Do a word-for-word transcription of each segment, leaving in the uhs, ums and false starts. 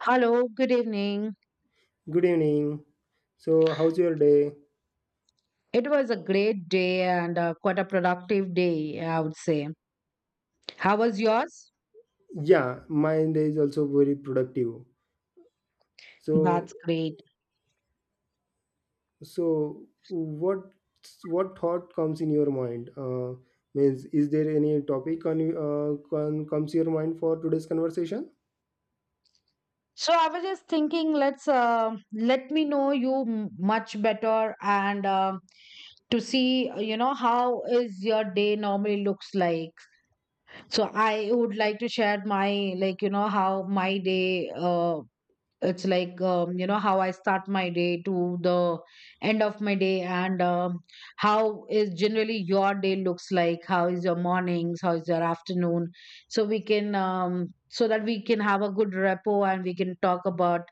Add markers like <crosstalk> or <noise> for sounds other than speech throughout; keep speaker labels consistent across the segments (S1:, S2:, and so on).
S1: Hello, good evening.
S2: Good evening. So, how's your day?
S1: It was a great day and uh, quite a productive day, I would say. How was yours?
S2: Yeah, my day is also very productive. So,
S1: That's great.
S2: so what what thought comes in your mind? Uh, means, is there any topic on, uh, con, comes your mind for today's conversation?
S1: So I was just thinking, let's uh, let me know you m- much better and uh, to see, uh, you know, how is your day normally looks like. So I would like to share my, like, you know, how my day uh, it's like um, you know how I start my day to the end of my day and um, how is generally your day looks like, how is your mornings, how is your afternoon, so we can um, so that we can have a good rapport and we can talk about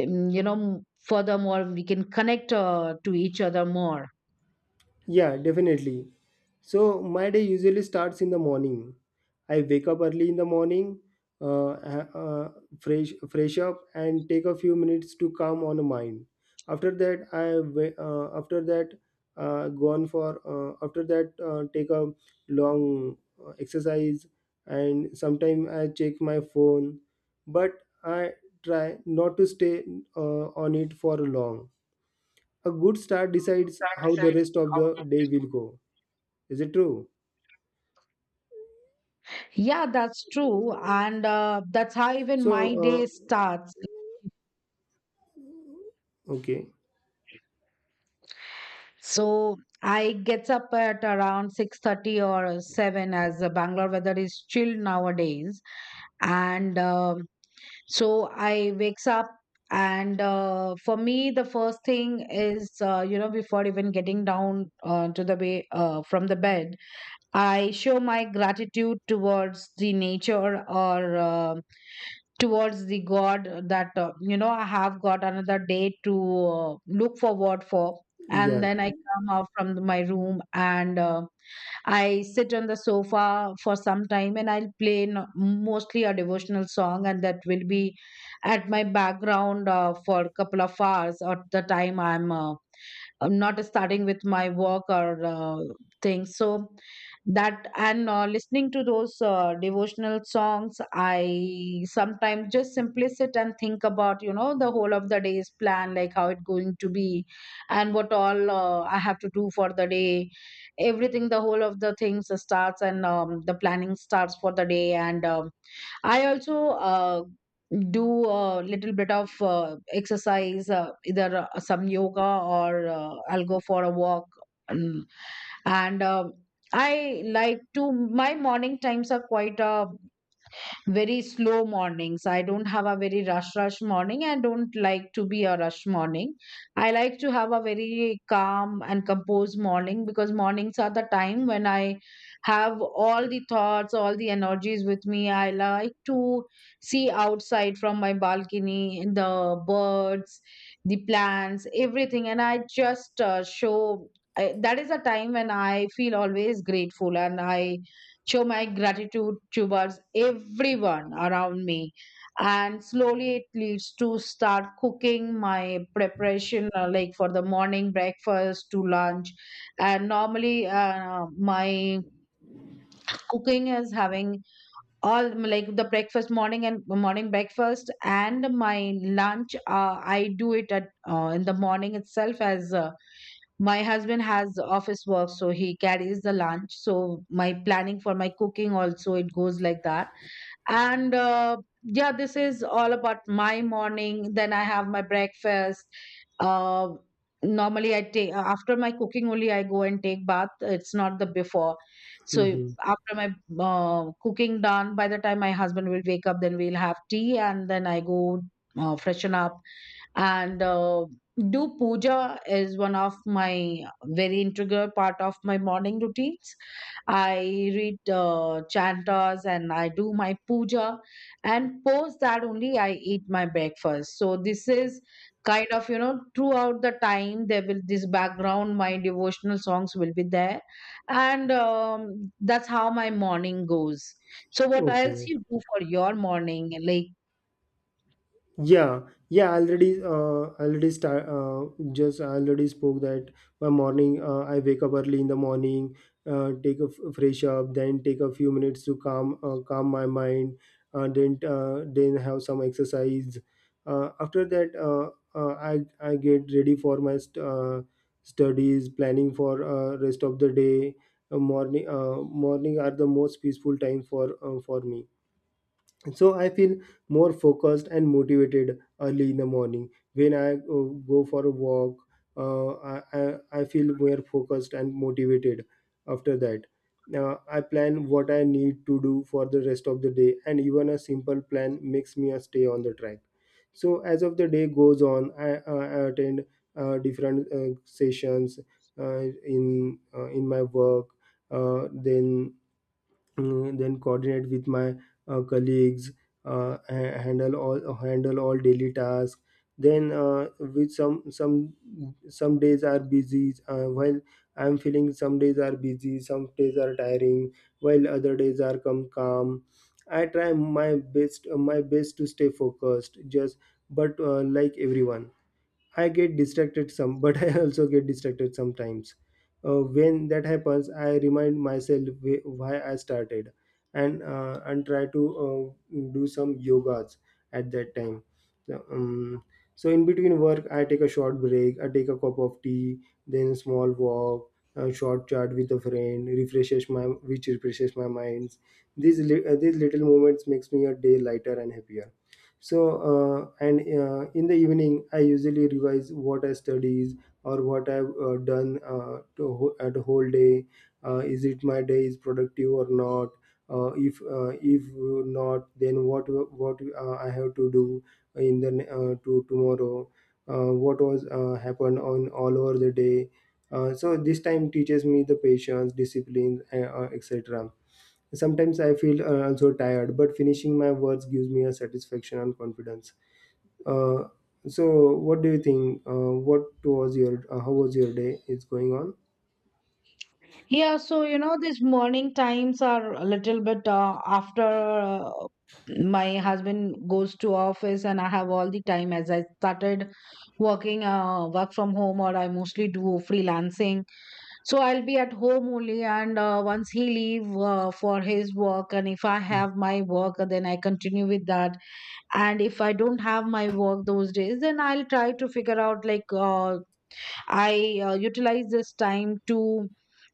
S1: um, you know m- furthermore we can connect uh, to each other more.
S2: Yeah, definitely. So my day usually starts in the morning. I wake up early in the morning, uh, ha- uh, fresh fresh up, and take a few minutes to calm on the mind. After that, I wa- uh, after that uh, go on for uh, after that uh, take a long uh, exercise, and sometime I check my phone, but I try not to stay uh, on it for long. A good start decides how the rest of the day will go. Is it true?
S1: Yeah, that's true. And uh, that's how even
S2: so
S1: my
S2: uh,
S1: day starts.
S2: okay.
S1: So I gets up at around six thirty or seven, as the Bangalore weather is chill nowadays, and um, so I wakes up and uh, for me the first thing is uh, you know, before even getting down uh, to the way uh, from the bed, I show my gratitude towards the nature or uh, towards the god that uh, you know, I have got another day to uh, look forward for. And
S2: Yeah.
S1: then I come out from the- my room and uh, I sit on the sofa for some time and I'll play n- mostly a devotional song, and that will be at my background uh, for a couple of hours at the time i'm uh, I'm not starting with my work or uh, things. So that, and uh, listening to those uh, devotional songs, I sometimes just simply sit and think about, you know, the whole of the day's plan, like how it's going to be, and what all uh, I have to do for the day. Everything, the whole of the things starts, and um, the planning starts for the day and. Um, I also uh, do a little bit of uh, exercise, uh, either uh, some yoga or uh, I'll go for a walk. And, and uh, I like to, my morning times are quite uh, very slow mornings. I don't have a very rush rush morning. I don't like to be a rush morning. I like to have a very calm and composed morning, because mornings are the time when I have all the thoughts, all the energies with me. I like to see outside from my balcony the birds, the plants, everything, and I just uh, show. I, that is a time when I feel always grateful and I show my gratitude towards everyone around me. And slowly it leads to start cooking my preparation, uh, like for the morning breakfast to lunch. And normally, uh, my cooking is having all like the breakfast, morning and morning breakfast, and my lunch. Uh, I do it at uh, in the morning itself as uh, my husband has office work, so he carries the lunch. So my planning for my cooking also it goes like that. And uh, yeah, this is all about my morning. Then I have my breakfast. Uh, normally, I take after my cooking only I go and take bath. It's not the before. So
S2: Hmm
S1: after my uh, cooking done, by the time my husband will wake up, then we'll have tea, and then I go uh, freshen up and uh, do puja is one of my very integral part of my morning routines. I read uh, chantas and I do my puja, and post that only I eat my breakfast. So this is kind of, you know, throughout the time there will this background my devotional songs will be there. And um, that's how my morning goes. So what else
S2: Okay.
S1: you do for your morning, like?
S2: Yeah, yeah, I already, uh, already start, uh, just I already spoke that my morning, uh, I wake up early in the morning, uh, take a f- fresh up, then take a few minutes to calm, uh, calm my mind, uh, then, uh, then have some exercise. Uh, after that, uh, uh, I, I get ready for my st- uh, studies, planning for uh, rest of the day. Uh, morning, uh, morning are the most peaceful time for uh, for me, so I feel more focused and motivated early in the morning when I uh, go for a walk. uh, I, I, I feel more focused and motivated. After that, uh, I plan what I need to do for the rest of the day, and even a simple plan makes me a stay on the track. So as of the day goes on, i, I I attend uh, different uh, sessions uh, in uh, in my work, uh, then mm, then coordinate with my uh, colleagues, uh, ha- handle all handle all daily tasks, then uh, with some some some days are busy uh, while I'm feeling some days are busy, some days are tiring, while other days are come calm. I try my best my best to stay focused. Just but uh, like everyone, I get distracted some, <laughs> but I also get distracted sometimes. Uh, when that happens, I remind myself wh- why I started, and uh, and try to uh, do some yogas at that time. So, um, so in between work, I take a short break. I take a cup of tea, then a small walk, a short chat with a friend, refreshes my which refreshes my minds. These li- uh, these little moments makes me a day lighter and happier. So uh, and uh, in the evening I usually revise what I studies or what I've uh, done uh, to ho- at the whole day. uh, is it my day is productive or not? uh, if uh, if not, then what what uh, I have to do in the ne- uh, to tomorrow, uh, what was uh, happened on all over the day. uh, so this time teaches me the patience, discipline, uh, uh, etc. Sometimes I feel uh, also tired, but finishing my words gives me a satisfaction and confidence. Uh, so, what do you think? Uh, what was your uh, how was your day? Is going on?
S1: Yeah, so you know, these morning times are a little bit uh, after uh, my husband goes to office and I have all the time as I started working uh, work from home, or I mostly do freelancing. So I'll be at home only, and uh, once he leave uh, for his work, and if I have my work then I continue with that. And if I don't have my work those days, then I'll try to figure out like uh, I uh, utilize this time to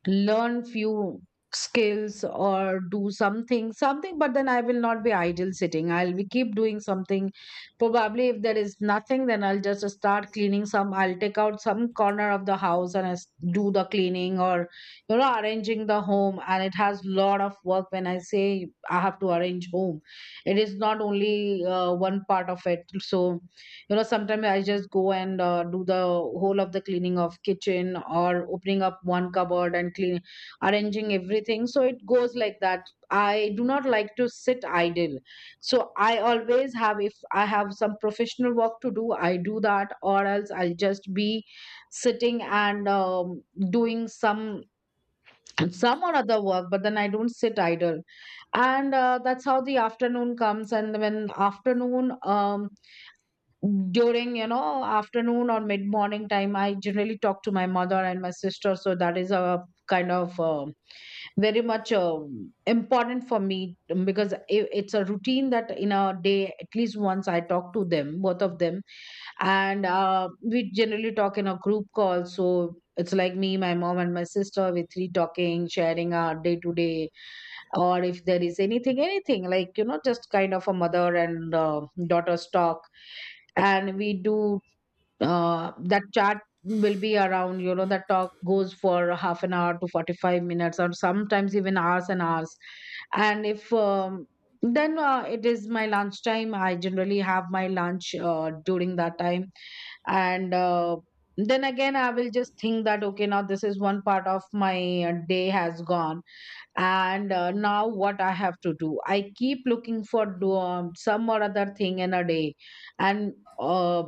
S1: learn few skills or do something something, but then I will not be idle sitting, I'll be keep doing something. Probably if there is nothing, then I'll just start cleaning some, I'll take out some corner of the house and I s- do the cleaning, or you know, arranging the home, and it has lot of work when I say I have to arrange home, it is not only uh, one part of it. So you know, sometimes I just go and uh, do the whole of the cleaning of kitchen, or opening up one cupboard and clean, arranging everything, so it goes like that. I do not like to sit idle, so I always have, if I have some professional work to do I do that, or else I'll just be sitting and um, doing some some or other work, but then I don't sit idle. And uh, that's how the afternoon comes. And when afternoon, um during you know afternoon or mid morning time I generally talk to my mother and my sister, so that is a kind of um very much um important for me, um, because I, it's a routine that in a day at least once I talk to them, both of them. And uh, we generally talk in a group call, so it's like me, my mom and my sister, we three talking, sharing our day to day, or if there is anything anything like you know, just kind of a mother and uh, daughter's talk. And we do uh, that chat will be around, you know, that talk goes for half an hour to forty-five minutes, or sometimes even hours and hours. And if um, then uh, it is my lunchtime, I generally have my lunch uh, during that time. And uh, then again I will just think that okay, now this is one part of my uh, day has gone. And uh, now what I have to do, I keep looking for do, um, some or other thing in a day. And uh,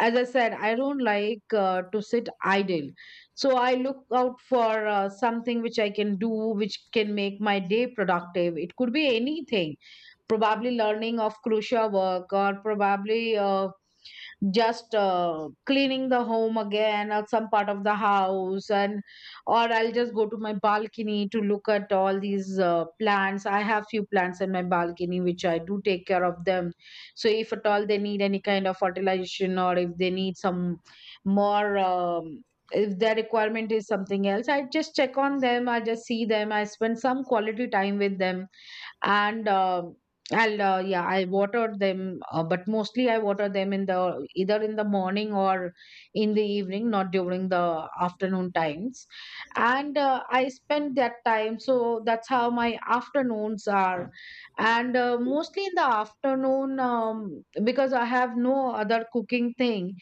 S1: as I said, I don't like uh, to sit idle, so I look out for uh, something which I can do, which can make my day productive. It could be anything, probably learning of crucial work, or probably uh, just uh, cleaning the home again, or some part of the house. And or I'll just go to my balcony to look at all these uh, plants. I have few plants in my balcony which I do take care of them, so if at all they need any kind of fertilization, or if they need some more um, if their requirement is something else, I just check on them, I just see them, I spend some quality time with them. And um I'll uh, yeah, I watered them uh, but mostly I water them in the either in the morning or in the evening, not during the afternoon times. And uh, I spend that time, so that's how my afternoons are. And uh, mostly in the afternoon, um, because I have no other cooking thing,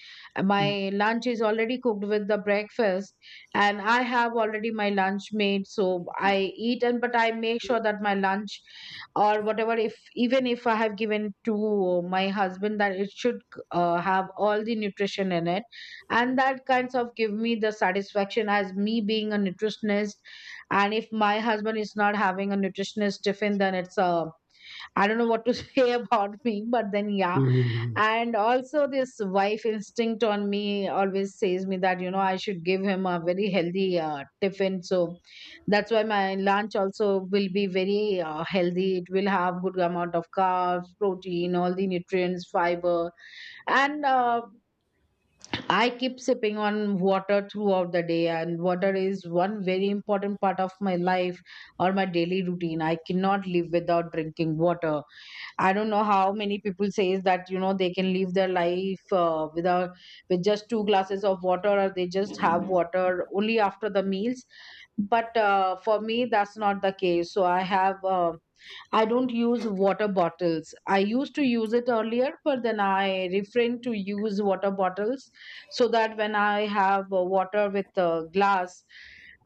S1: my lunch is already cooked with the breakfast, and I have already my lunch made, so I eat. And but I make sure that my lunch or whatever, if even if I have given to my husband, that it should uh, have all the nutrition in it. And that kinds of give me the satisfaction as me being a nutritionist. And if my husband is not having a nutritionist tiffin, then it's a, I don't know what to <laughs> say about me, but then yeah.
S2: Mhm.
S1: And also this wife instinct on me always says me that, you know, I should give him a very healthy uh, tiffin. So that's why my lunch also will be very uh, healthy, it will have good amount of carbs, protein, all the nutrients, fiber. And uh, I keep sipping on water throughout the day, and water is one very important part of my life or my daily routine. I cannot live without drinking water. I don't know how many people says that, you know, they can live their life uh, without, with just two glasses of water, or they just have water only after the meals. But uh, for me, that's not the case. So I have uh, I don't use water bottles. I used to use it earlier, but then I refrain to use water bottles, so that when I have uh, water with a glass,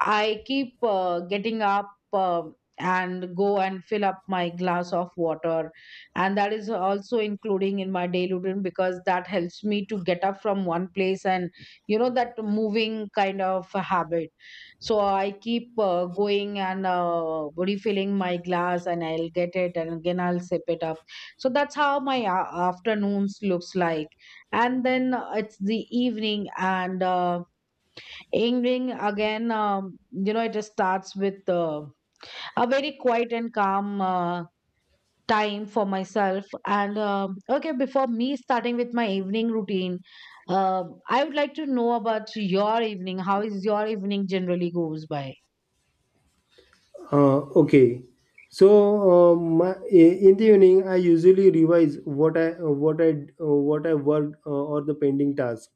S1: I keep uh, getting up uh, and go and fill up my glass of water. And that is also including in my daily routine because that helps me to get up from one place and, you know, that moving kind of habit. So I keep uh, going and uh, refilling my glass, and I'll get it, and again I'll sip it up. So that's how my a- afternoons looks like. And then uh, it's the evening, and uh, evening again, um, you know, it just starts with uh, a very quiet and calm. Uh, time for myself. And um okay, before me starting with my evening routine, um, I would like to know about your evening. How is your evening generally goes by?
S2: Uh, okay. So uh, my, i- in the evening, I usually revise what I what I what I worked uh, or the pending task.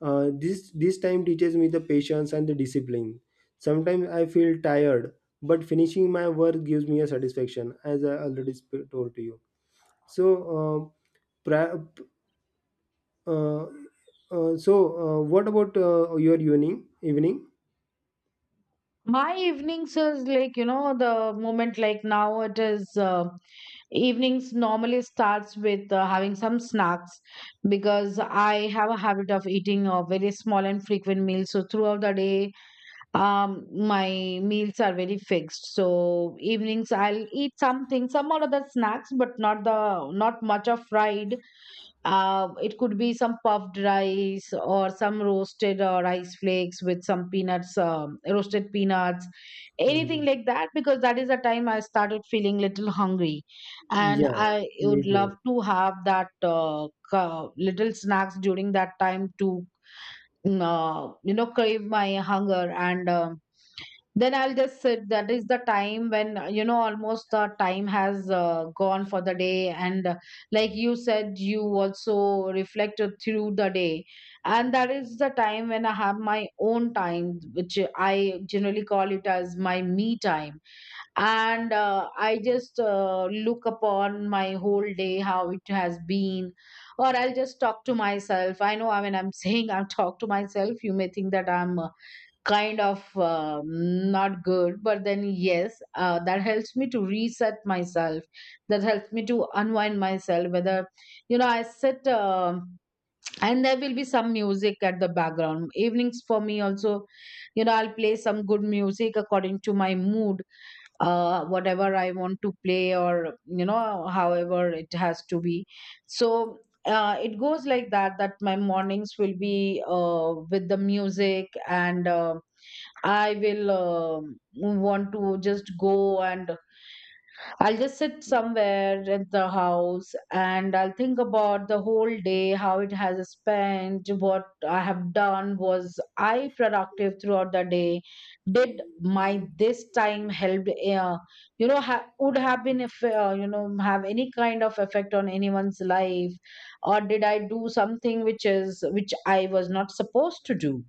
S2: Uh, this this time teaches me the patience and the discipline. Sometimes I feel tired, but finishing my work gives me a satisfaction, as I already sp- told to you. So, uh, pra- uh, uh, so uh, what about uh, your evening? Evening?
S1: My evenings is like, you know, the moment like now it is uh, evenings normally starts with uh, having some snacks, because I have a habit of eating uh, very small and frequent meals. So throughout the day, um, my meals are very fixed. So evenings I'll eat something, some or other snacks, but not the not much of fried. Uh, it could be some puffed rice or some roasted uh, rice flakes with some peanuts, um, roasted peanuts, anything
S2: Mhm.
S1: like that, because that is the time I started feeling little hungry. And
S2: Yeah,
S1: I
S2: me
S1: would love
S2: too.
S1: to have that uh, ca- little snacks during that time to, mm, uh, you know, crave my hunger. And um then I'll just sit. That is the time when, uh, you know, almost the time has uh, gone for the day. And uh, like you said, you also reflected through the day. And that is the time when I have my own time, which I generally call it as my me time. And uh, I just uh, look upon my whole day, how it has been. Or I'll just talk to myself. I know, I mean, I'm <laughs> saying I'll talk to myself. You may think that I'm uh, kind of um, not good, but then yes, uh, that helps me to reset myself, that helps me to unwind myself. Whether, you know, I sit, um, and there will be some music at the background. Evenings for me also, you know, I'll play some good music according to my mood, uh, whatever I want to play, or you know, however it has to be. So uh, it goes like that, that my mornings will be uh, with the music. And uh, I will um, want to just go, and I'll just sit somewhere at the house, and I'll think about the whole day, how it has spent, what I have done. Was I productive throughout the day? Did my this time help, uh, you know, ha- would have been, if, uh, you know, have any kind of effect on anyone's life? Or did I do something which is, which I was not supposed to do?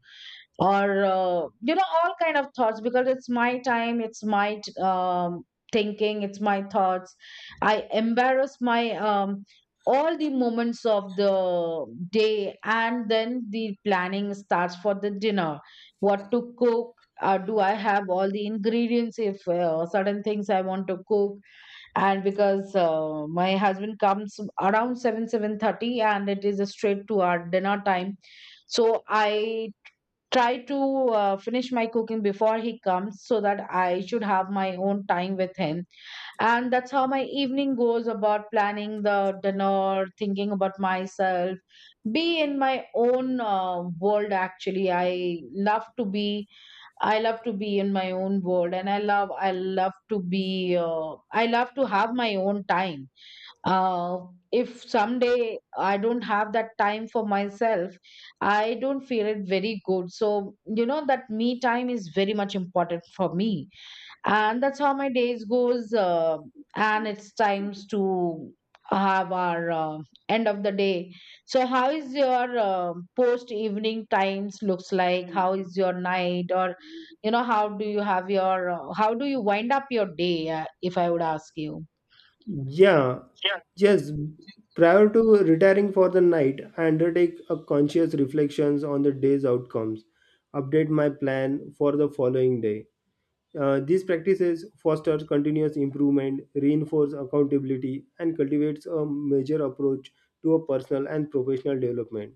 S1: Or uh, you know, all kind of thoughts, because it's my time, it's my um, thinking, it's my thoughts. I embarrass my um, all the moments of the day. And then the planning starts for the dinner, what to cook. Uh, do I have all the ingredients if uh, certain things I want to cook? And because uh, my husband comes around seven seven thirty, and it is a straight to our dinner time. So I try to uh, finish my cooking before he comes, so that I should have my own time with him. And that's how my evening goes, about planning the dinner, thinking about myself, be in my own uh, world actually. I love to be, I love to be in my own world, and I love I love to be uh, I love to have my own time. uh, if someday I don't have that time for myself, I don't feel it very good. So, you know, that me time is very much important for me. And that's how my days goes. Uh, and it's times to have our uh, end of the day. So how is your uh, post evening times looks like? How is your night, or you know, how do you have your, uh, how do you wind up your day, uh, if I would ask you?
S2: Yeah, yes. Prior to retiring for the night, I undertake a conscious reflections on the day's outcomes, update my plan for the following day. Uh, these practices foster continuous improvement, reinforce accountability, and cultivates a major approach to a personal and professional development.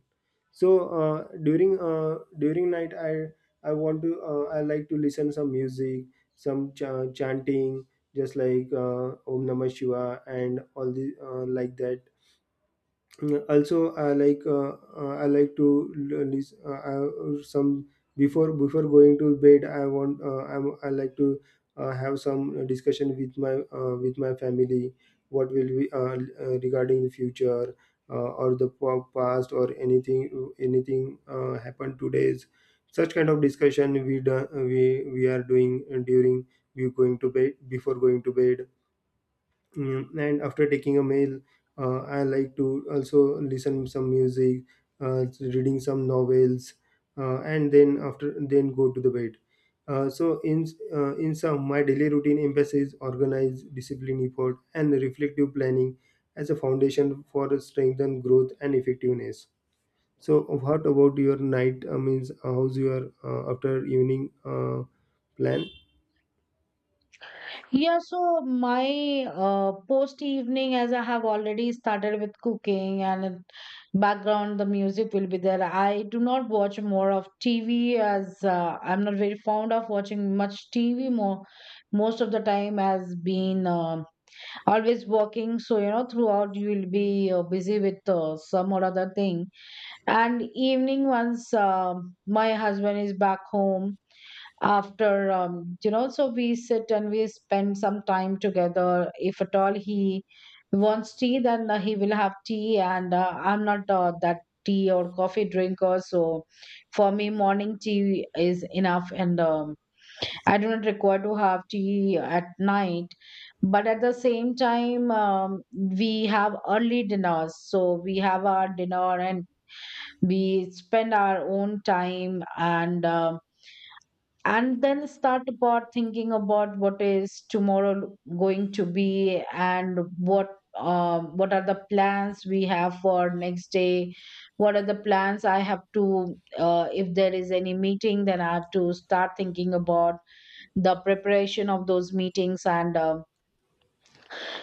S2: So uh, during uh, during night, I I want to, uh, I like to listen some music, some ch- chanting, just like uh, Om Namah Shiva and all the uh, like that. Mm, also I like uh, uh, I like to l- lis- uh, I- some before before going to bed, i want uh, I'm, I like to uh, have some discussion with my uh, with my family, what will we, uh, uh, regarding the future uh, or the pa- past or anything anything uh, happened today's. Such kind of discussion we do, we we are doing during we going to bed before going to bed. Mm, and after taking a meal, uh, I like to also listen some music, uh, reading some novels, uh, and then after then go to the bed. uh, so in uh, in sum, my daily routine emphasizes organized discipline, effort and reflective planning as a foundation for strengthen growth and effectiveness. So what about your night? uh, means, uh, how's your uh, after evening uh, plan?
S1: Yeah, so my uh, post evening, as I have already started with cooking, and in background, the music will be there. I do not watch more of T V, as uh, I'm not very fond of watching much T V more. Most of the time has been um always working, so you know throughout you will be uh, busy with uh, some or other thing. And evening, once um my husband is back home, after um, you know, so we sit and we spend some time together. If at all he wants tea, then uh, he will have tea. And uh, I'm not uh, that tea or coffee drinker. So for me, morning tea is enough, and um, I do not require to have tea at night. But at the same time, um, we have early dinners. So we have our dinner and we spend our own time. And um, and then start about thinking about what is tomorrow going to be, and what um, what are the plans we have for next day, what are the plans I have to, uh, if there is any meeting, then I have to start thinking about the preparation of those meetings. And um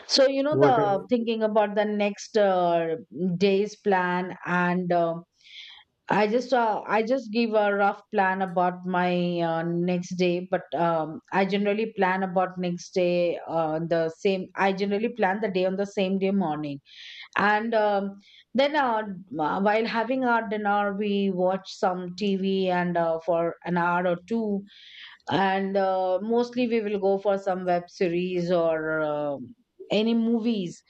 S1: so you know,
S2: What uh,
S1: the thinking about the next uh, day's plan. And um I just uh, I just give a rough plan about my uh, next day. But um, I generally plan about next day uh, the same. I generally plan the day on the same day morning. And um, then uh, uh, while having our dinner, we watch some T V, and uh, for an hour or two, and uh, mostly we will go for some web series, or um any movies.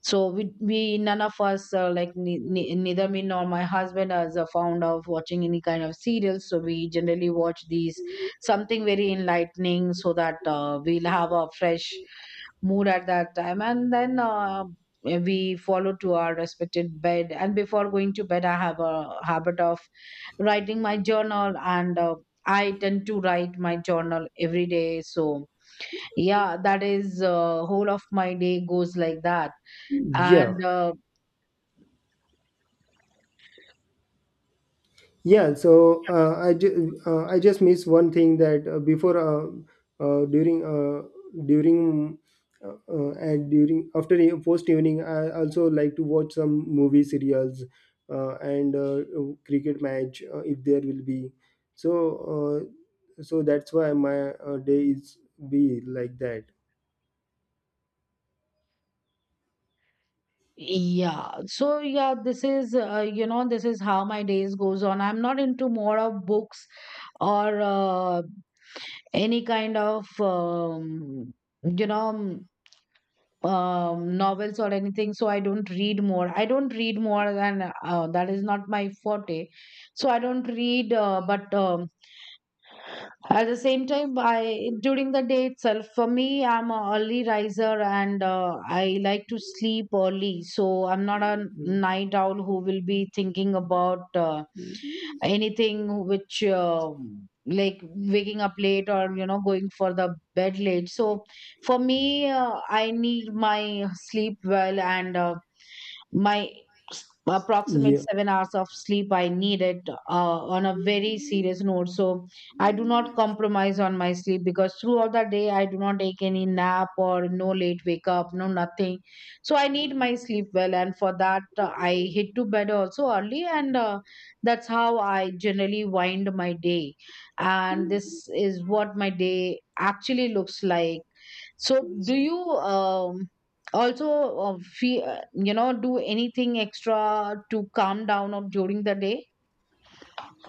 S1: So we, we none of us uh, like ne- ne- neither me nor my husband is a fond of watching any kind of serials. So we generally watch these something very enlightening, so that uh, we'll have a fresh mood at that time. And then uh, we follow to our respected bed. And before going to bed, I have a habit of writing my journal. And uh, I tend to write my journal every day. So, yeah, that is uh, whole of my day goes like that.
S2: yeah.
S1: And uh,
S2: Yeah, so uh, I ju- uh, I just missed one thing that uh, before uh, uh, during uh, during uh, uh, and during after e- post evening, I also like to watch some movie serials uh, and uh, cricket match uh, if there will be. So uh, so that's why my uh, day is be like that.
S1: yeah, so yeah, this is, uh, you know, this is how my days goes on. I'm not into more of books or uh, any kind of, um, you know, um, um, novels or anything. So I don't read more. I don't read more than uh, that is not my forte. So I don't read, uh, but um, at the same time, I during the day itself, for me, I'm a early riser. And uh, I like to sleep early. So I'm not a night owl who will be thinking about uh, anything which uh, like waking up late, or you know, going for the bed late. So for me, uh, I need my sleep well. And uh, my s- approximate
S2: Yeah.
S1: seven hours of sleep I needed, uh, on a very serious note. So I do not compromise on my sleep, because throughout the day I do not take any nap, or no late wake up, no nothing. So I need my sleep well, and for that uh, I hit to bed also early. And uh, that's how I generally wind my day. And this is what my day actually looks like. So do you um, also uh, feel, you know, do anything extra to calm down or during the day?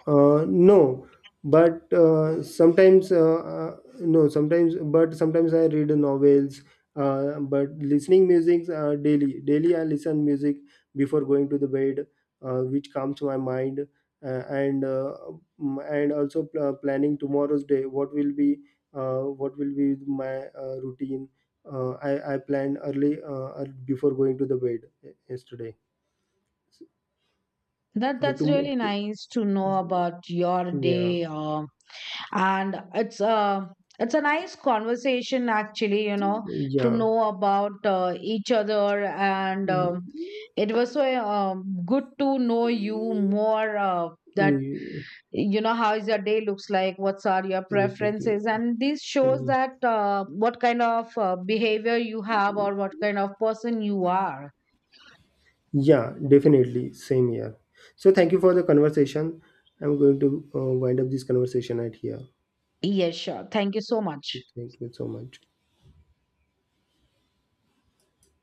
S2: Uh, no, but uh, sometimes uh, uh, no, sometimes but sometimes I read novels. Uh, but listening music uh, daily, daily I listen music before going to the bed, uh, which calms my mind, uh, and uh, mm, and also pl- uh, planning tomorrow's day. What will be, uh, what will be my uh, routine? Uh, I I planned early uh, ear- before going to the bed yesterday. So,
S1: That
S2: so
S1: that's
S2: to,
S1: really
S2: to
S1: nice to know about your
S2: yeah.
S1: day. Um and it's a, it's a nice conversation actually, you know, to
S2: Yeah.
S1: know about uh, each other. And um, it was so um, good to know you more. Uh, that
S2: Mm,
S1: you know how is your day looks like, what's are your
S2: mister Gi-
S1: preferences, and this shows
S2: mm.
S1: that uh, what kind of uh, behavior you have, or what kind of person you are.
S2: Yeah, definitely. Same here. So thank you for the conversation. I'm going to uh, wind up this conversation right here.
S1: Yes, sure, thank you so much.
S2: Thank you so much.